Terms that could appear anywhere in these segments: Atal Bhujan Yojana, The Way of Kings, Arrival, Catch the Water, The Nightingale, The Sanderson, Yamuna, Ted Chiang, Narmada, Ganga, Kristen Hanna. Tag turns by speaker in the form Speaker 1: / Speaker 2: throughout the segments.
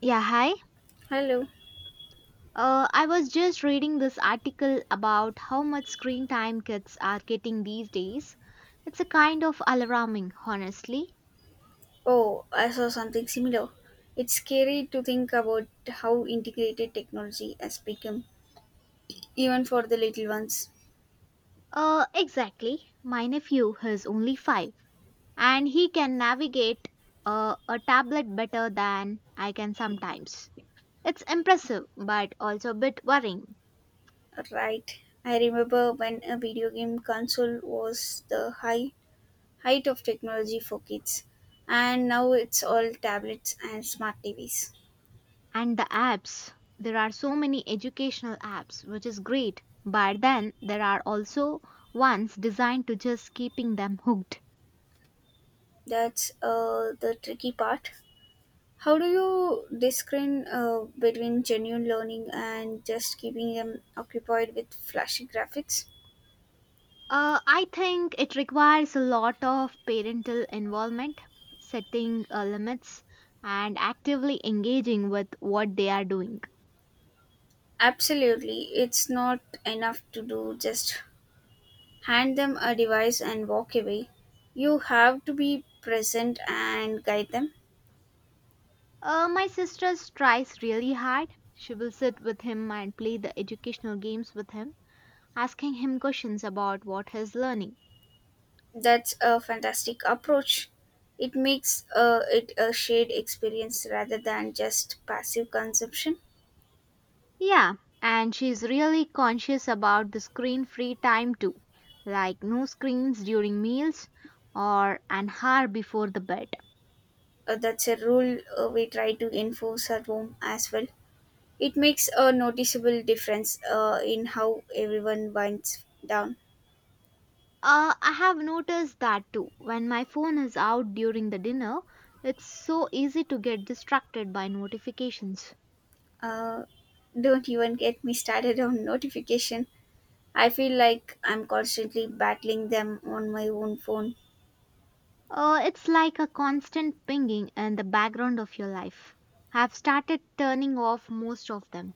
Speaker 1: Yeah, hi.
Speaker 2: Hello.
Speaker 1: I was just reading this article about how much screen time kids are getting these days. It's a kind of alarming, honestly.
Speaker 2: Oh, I saw something similar. It's scary to think about how integrated technology has become, even for the little ones.
Speaker 1: Exactly. My nephew is only five, and he can navigate a tablet better than I can sometimes. It's impressive, but also a bit worrying.
Speaker 2: Right. I remember when a video game console was the high height of technology for kids, and now it's all tablets and smart TVs.
Speaker 1: And the apps, there are so many educational apps, which is great. But then there are also ones designed to just keeping them hooked.
Speaker 2: That's the tricky part. How do you discern, between genuine learning and just keeping them occupied with flashy graphics?
Speaker 1: I think it requires a lot of parental involvement, setting limits, and actively engaging with what they are doing.
Speaker 2: Absolutely, it's not enough to do just hand them a device and walk away. You have to be present and guide them.
Speaker 1: My sister tries really hard. She will sit with him and play the educational games with him, asking him questions about what he's learning.
Speaker 2: That's a fantastic approach. It makes, it a shared experience rather than just passive consumption.
Speaker 1: Yeah, and she's really conscious about the screen free time too, like no screens during meals or an hour before the bed.
Speaker 2: That's a rule we try to enforce at home as well. It makes a noticeable difference, in how everyone winds down.
Speaker 1: I have noticed that too. When my phone is out during the dinner, it's so easy to get distracted by notifications.
Speaker 2: Uh, don't even get me started on notification. I feel like I'm constantly battling them on my own phone.
Speaker 1: It's like a constant pinging in the background of your life. I've started turning off most of them.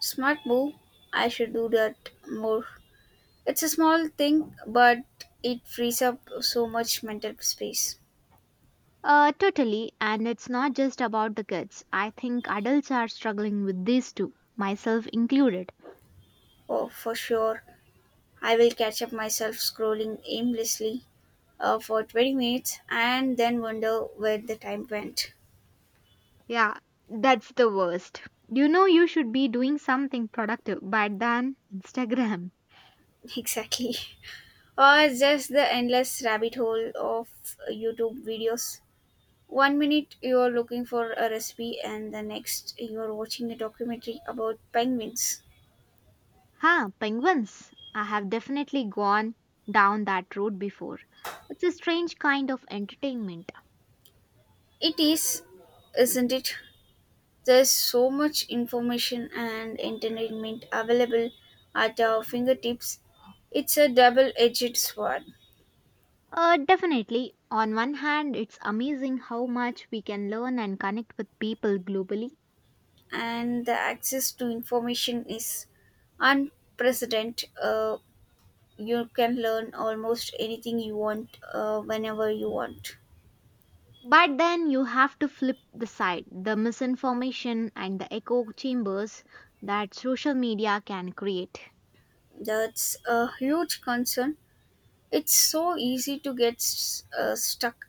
Speaker 2: Smart move. I should do that more. It's a small thing, but it frees up so much mental space.
Speaker 1: Totally, and it's not just about the kids. I think adults are struggling with this too, myself included.
Speaker 2: Oh, for sure. I will catch up myself scrolling aimlessly, for 20 minutes and then wonder where the time went.
Speaker 1: Yeah, that's the worst. You know, you should be doing something productive, but then Instagram.
Speaker 2: Exactly. Or just the endless rabbit hole of YouTube videos. One minute you're looking for a recipe, and the next you're watching a documentary about penguins.
Speaker 1: Huh, penguins. I have definitely gone down that road before. It's a strange kind of entertainment.
Speaker 2: It is, isn't it? There's so much information and entertainment available at our fingertips. It's a double edged sword,
Speaker 1: Definitely. On one hand, it's amazing how much we can learn and connect with people globally.
Speaker 2: and the access to information is unprecedented. You can learn almost anything you want, whenever you want.
Speaker 1: But then you have to flip the side, the misinformation and the echo chambers that social media can create.
Speaker 2: That's a huge concern. It's so easy to get stuck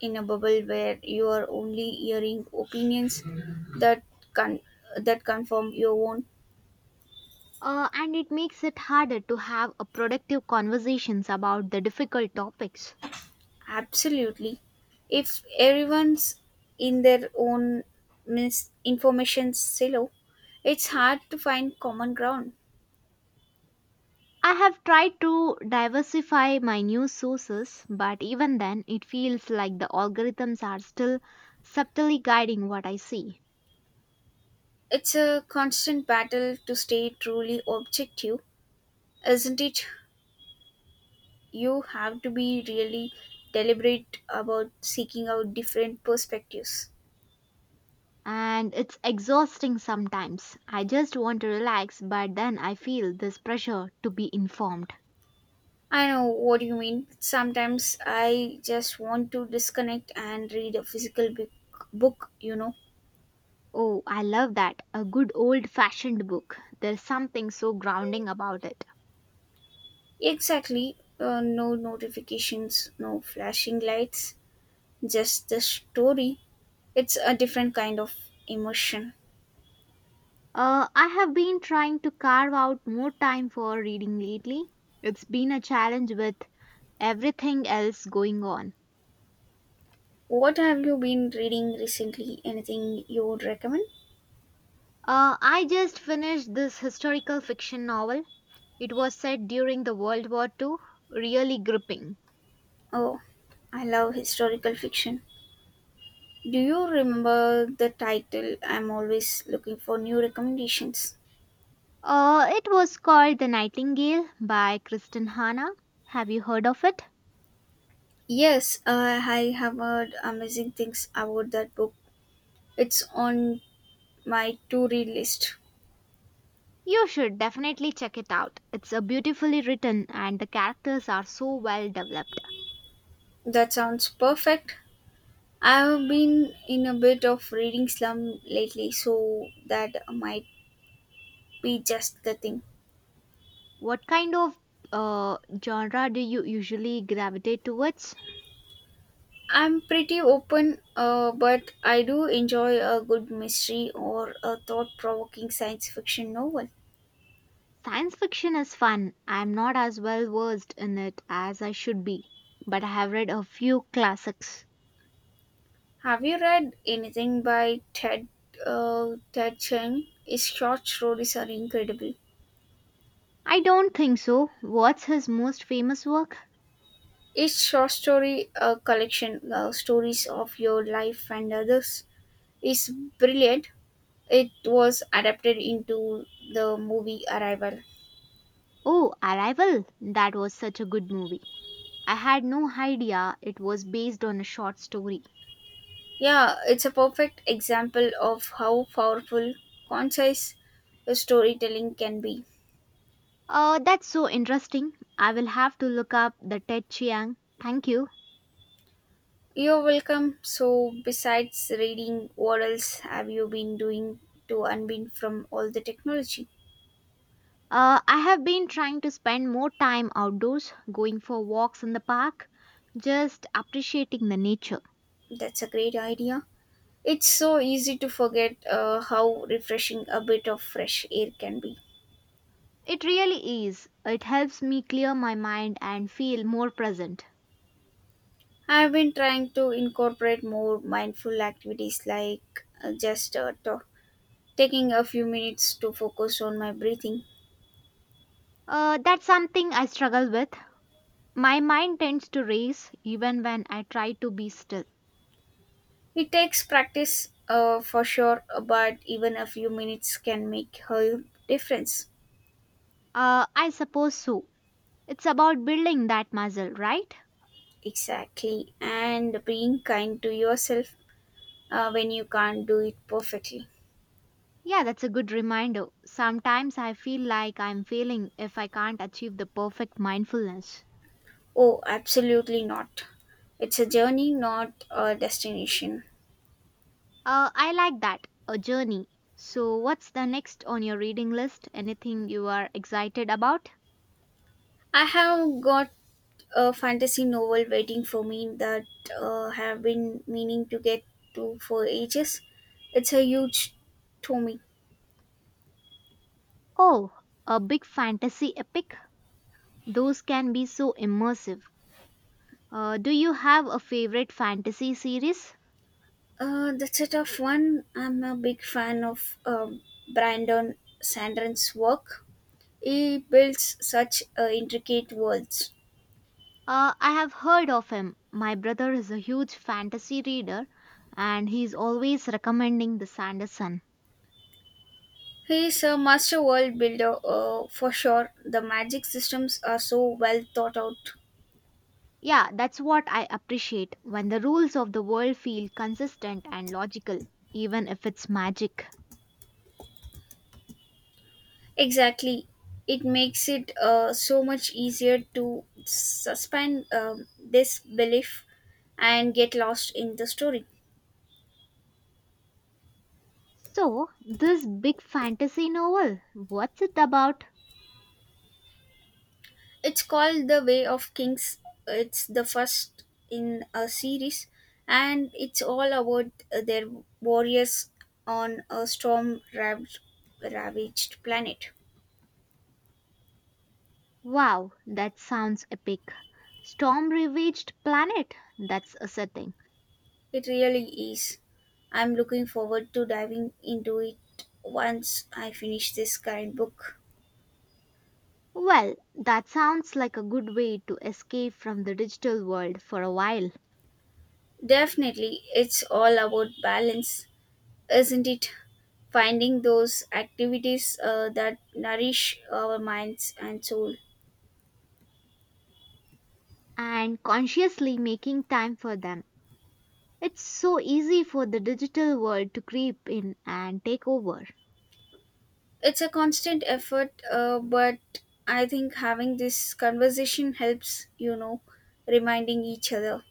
Speaker 2: in a bubble where you are only hearing opinions that con- that confirm your own.
Speaker 1: And it makes it harder to have a productive conversations about the difficult topics.
Speaker 2: Absolutely, if everyone's in their own misinformation silo, it's hard to find common ground.
Speaker 1: I have tried to diversify my news sources, but even then, it feels like the algorithms are still subtly guiding what I see.
Speaker 2: It's a constant battle to stay truly objective, isn't it? You have to be really deliberate about seeking out different perspectives.
Speaker 1: And it's exhausting sometimes. I just want to relax, but then I feel this pressure to be informed.
Speaker 2: I know what you mean. Sometimes I just want to disconnect and read a physical book.
Speaker 1: Oh, I love that. A good old fashioned book. There's something so grounding about it.
Speaker 2: Exactly. No notifications, no flashing lights, just the story. It's a different kind of emotion.
Speaker 1: I have been trying to carve out more time for reading lately. It's been a challenge with everything else going on.
Speaker 2: What have you been reading recently? Anything you would recommend?
Speaker 1: I just finished this historical fiction novel. It was set during the World War II, really gripping.
Speaker 2: Oh, I love historical fiction. Do you remember the title? I'm always looking for new recommendations.
Speaker 1: It was called The Nightingale by Kristen Hanna. Have you heard of it?
Speaker 2: Yes, I have heard amazing things about that book. It's on my to read list.
Speaker 1: You should definitely check it out. It's a beautifully written and the characters are so well developed.
Speaker 2: That sounds perfect. I've been in a bit of reading slum lately, so that might be just the thing.
Speaker 1: What kind of uh, genre do you usually gravitate towards?
Speaker 2: I'm pretty open, but I do enjoy a good mystery or a thought provoking science fiction novel.
Speaker 1: Science fiction is fun. I'm not as well versed in it as I should be, but I have read a few classics.
Speaker 2: Have you read anything by Ted Chiang? His short stories are incredible.
Speaker 1: I don't think so. What's his most famous work?
Speaker 2: Each short story, a collection of stories of your life and others, is brilliant. It was adapted into the movie Arrival.
Speaker 1: Oh, Arrival. That was such a good movie. I had no idea it was based on a short story.
Speaker 2: Yeah, it's a perfect example of how powerful, concise the storytelling can be.
Speaker 1: That's so interesting. I will have to look up the Ted Chiang. Thank you.
Speaker 2: You're welcome. So, besides reading, what else have you been doing to unbind from all the technology?
Speaker 1: I have been trying to spend more time outdoors, going for walks in the park, just appreciating the nature.
Speaker 2: That's a great idea. It's so easy to forget, how refreshing a bit of fresh air can be.
Speaker 1: It really is. It helps me clear my mind and feel more present.
Speaker 2: I've been trying to incorporate more mindful activities like, taking a few minutes to focus on my breathing.
Speaker 1: That's something I struggle with. My mind tends to race even when I try to be still.
Speaker 2: It takes practice, for sure, but even a few minutes can make a difference.
Speaker 1: I suppose so. It's about building that muscle, right?
Speaker 2: Exactly, and being kind to yourself, when you can't do it perfectly.
Speaker 1: Yeah, that's a good reminder. Sometimes I feel like I'm failing if I can't achieve the perfect mindfulness.
Speaker 2: Oh, absolutely not. It's a journey, not a destination.
Speaker 1: I like that, a journey. So, what's the next on your reading list? Anything you are excited about?
Speaker 2: I have got a fantasy novel waiting for me that, have been meaning to get to for ages. It's a huge tome.
Speaker 1: Oh, a big fantasy epic? Those can be so immersive. Do you have a favorite fantasy series?
Speaker 2: That's a tough one. I'm a big fan of Brandon Sanderson's work. He builds such, intricate worlds.
Speaker 1: I have heard of him. My brother is a huge fantasy reader and he's always recommending The Sanderson.
Speaker 2: He is a master world builder, for sure. The magic systems are so well thought out.
Speaker 1: Yeah, that's what I appreciate when the rules of the world feel consistent and logical, even if it's magic.
Speaker 2: Exactly. It makes it, so much easier to suspend, this belief and get lost in the story.
Speaker 1: So, this big fantasy novel, what's it about?
Speaker 2: It's called The Way of Kings. It's the first in a series, and it's all about, their warriors on a ravaged planet.
Speaker 1: Wow, that sounds epic. Storm ravaged planet, that's a setting.
Speaker 2: It really is. I'm looking forward to diving into it once I finish this current book.
Speaker 1: Well, that sounds like a good way to escape from the digital world for a while
Speaker 2: Definitely, it's all about balance, isn't it? Finding those activities, that nourish our minds and soul.
Speaker 1: and consciously making time for them. It's so easy for the digital world to creep in and take over.
Speaker 2: It's a constant effort, but I think having this conversation helps, you know, reminding each other.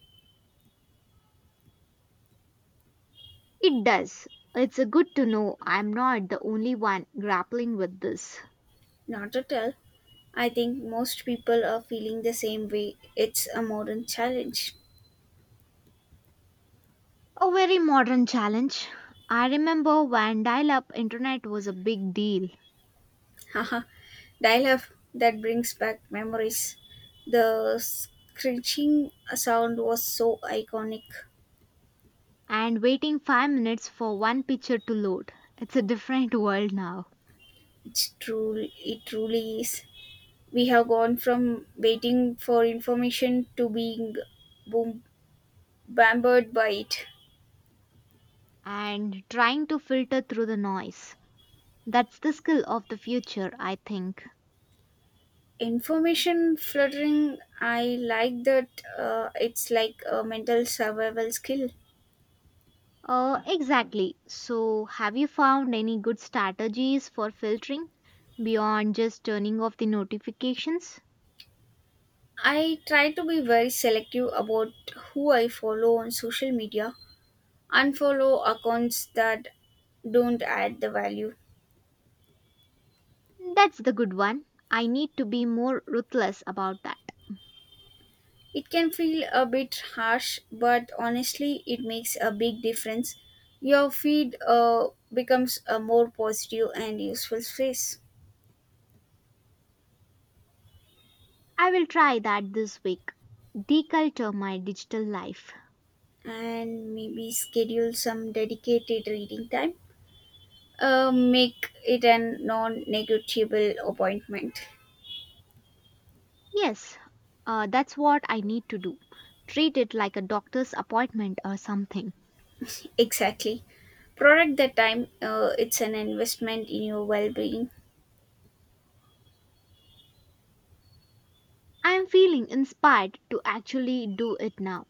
Speaker 1: It does. It's a good to know I'm not the only one grappling with this.
Speaker 2: Not at all. I think most people are feeling the same way. It's a modern challenge.
Speaker 1: A very modern challenge. I remember when dial up internet was a big deal
Speaker 2: Dial up, that brings back memories. The screeching sound was so iconic.
Speaker 1: and waiting 5 minutes for one picture to load. It's a different world now.
Speaker 2: It's true, it truly is. We have gone from waiting for information to being boom, bambered by it.
Speaker 1: And trying to filter through the noise. That's the skill of the future, I think.
Speaker 2: Information fluttering, I like that. It's like a mental survival skill.
Speaker 1: Exactly. So, have you found any good strategies for filtering beyond just turning off the notifications?
Speaker 2: I try to be very selective about who I follow on social media. Unfollow accounts that don't add the value.
Speaker 1: That's the good one. I need to be more ruthless about that.
Speaker 2: It can feel a bit harsh, but honestly, it makes a big difference. Your feed, becomes a more positive and useful space,
Speaker 1: I will try that this week. Deculture my digital life.
Speaker 2: and maybe schedule some dedicated reading time. Make it a non-negotiable appointment.
Speaker 1: Yes, that's what I need to do. Treat it like a doctor's appointment or something.
Speaker 2: Exactly. Product the time. It's an investment in your well-being.
Speaker 1: I am feeling inspired to actually do it now.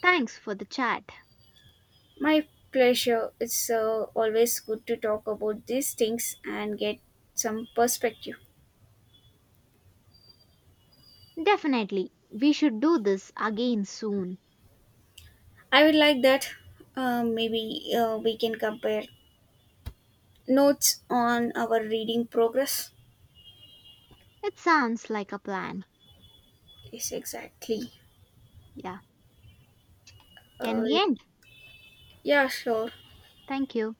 Speaker 1: Thanks for the chat.
Speaker 2: My pleasure. It's, always good to talk about these things and get some perspective.
Speaker 1: Definitely, we should do this again soon.
Speaker 2: I would like that, maybe we can compare notes on our reading progress.
Speaker 1: It sounds like a plan.
Speaker 2: Yes, exactly.
Speaker 1: Yeah. Can
Speaker 2: Uh,
Speaker 1: we end?
Speaker 2: yeah, sure.
Speaker 1: Thank you.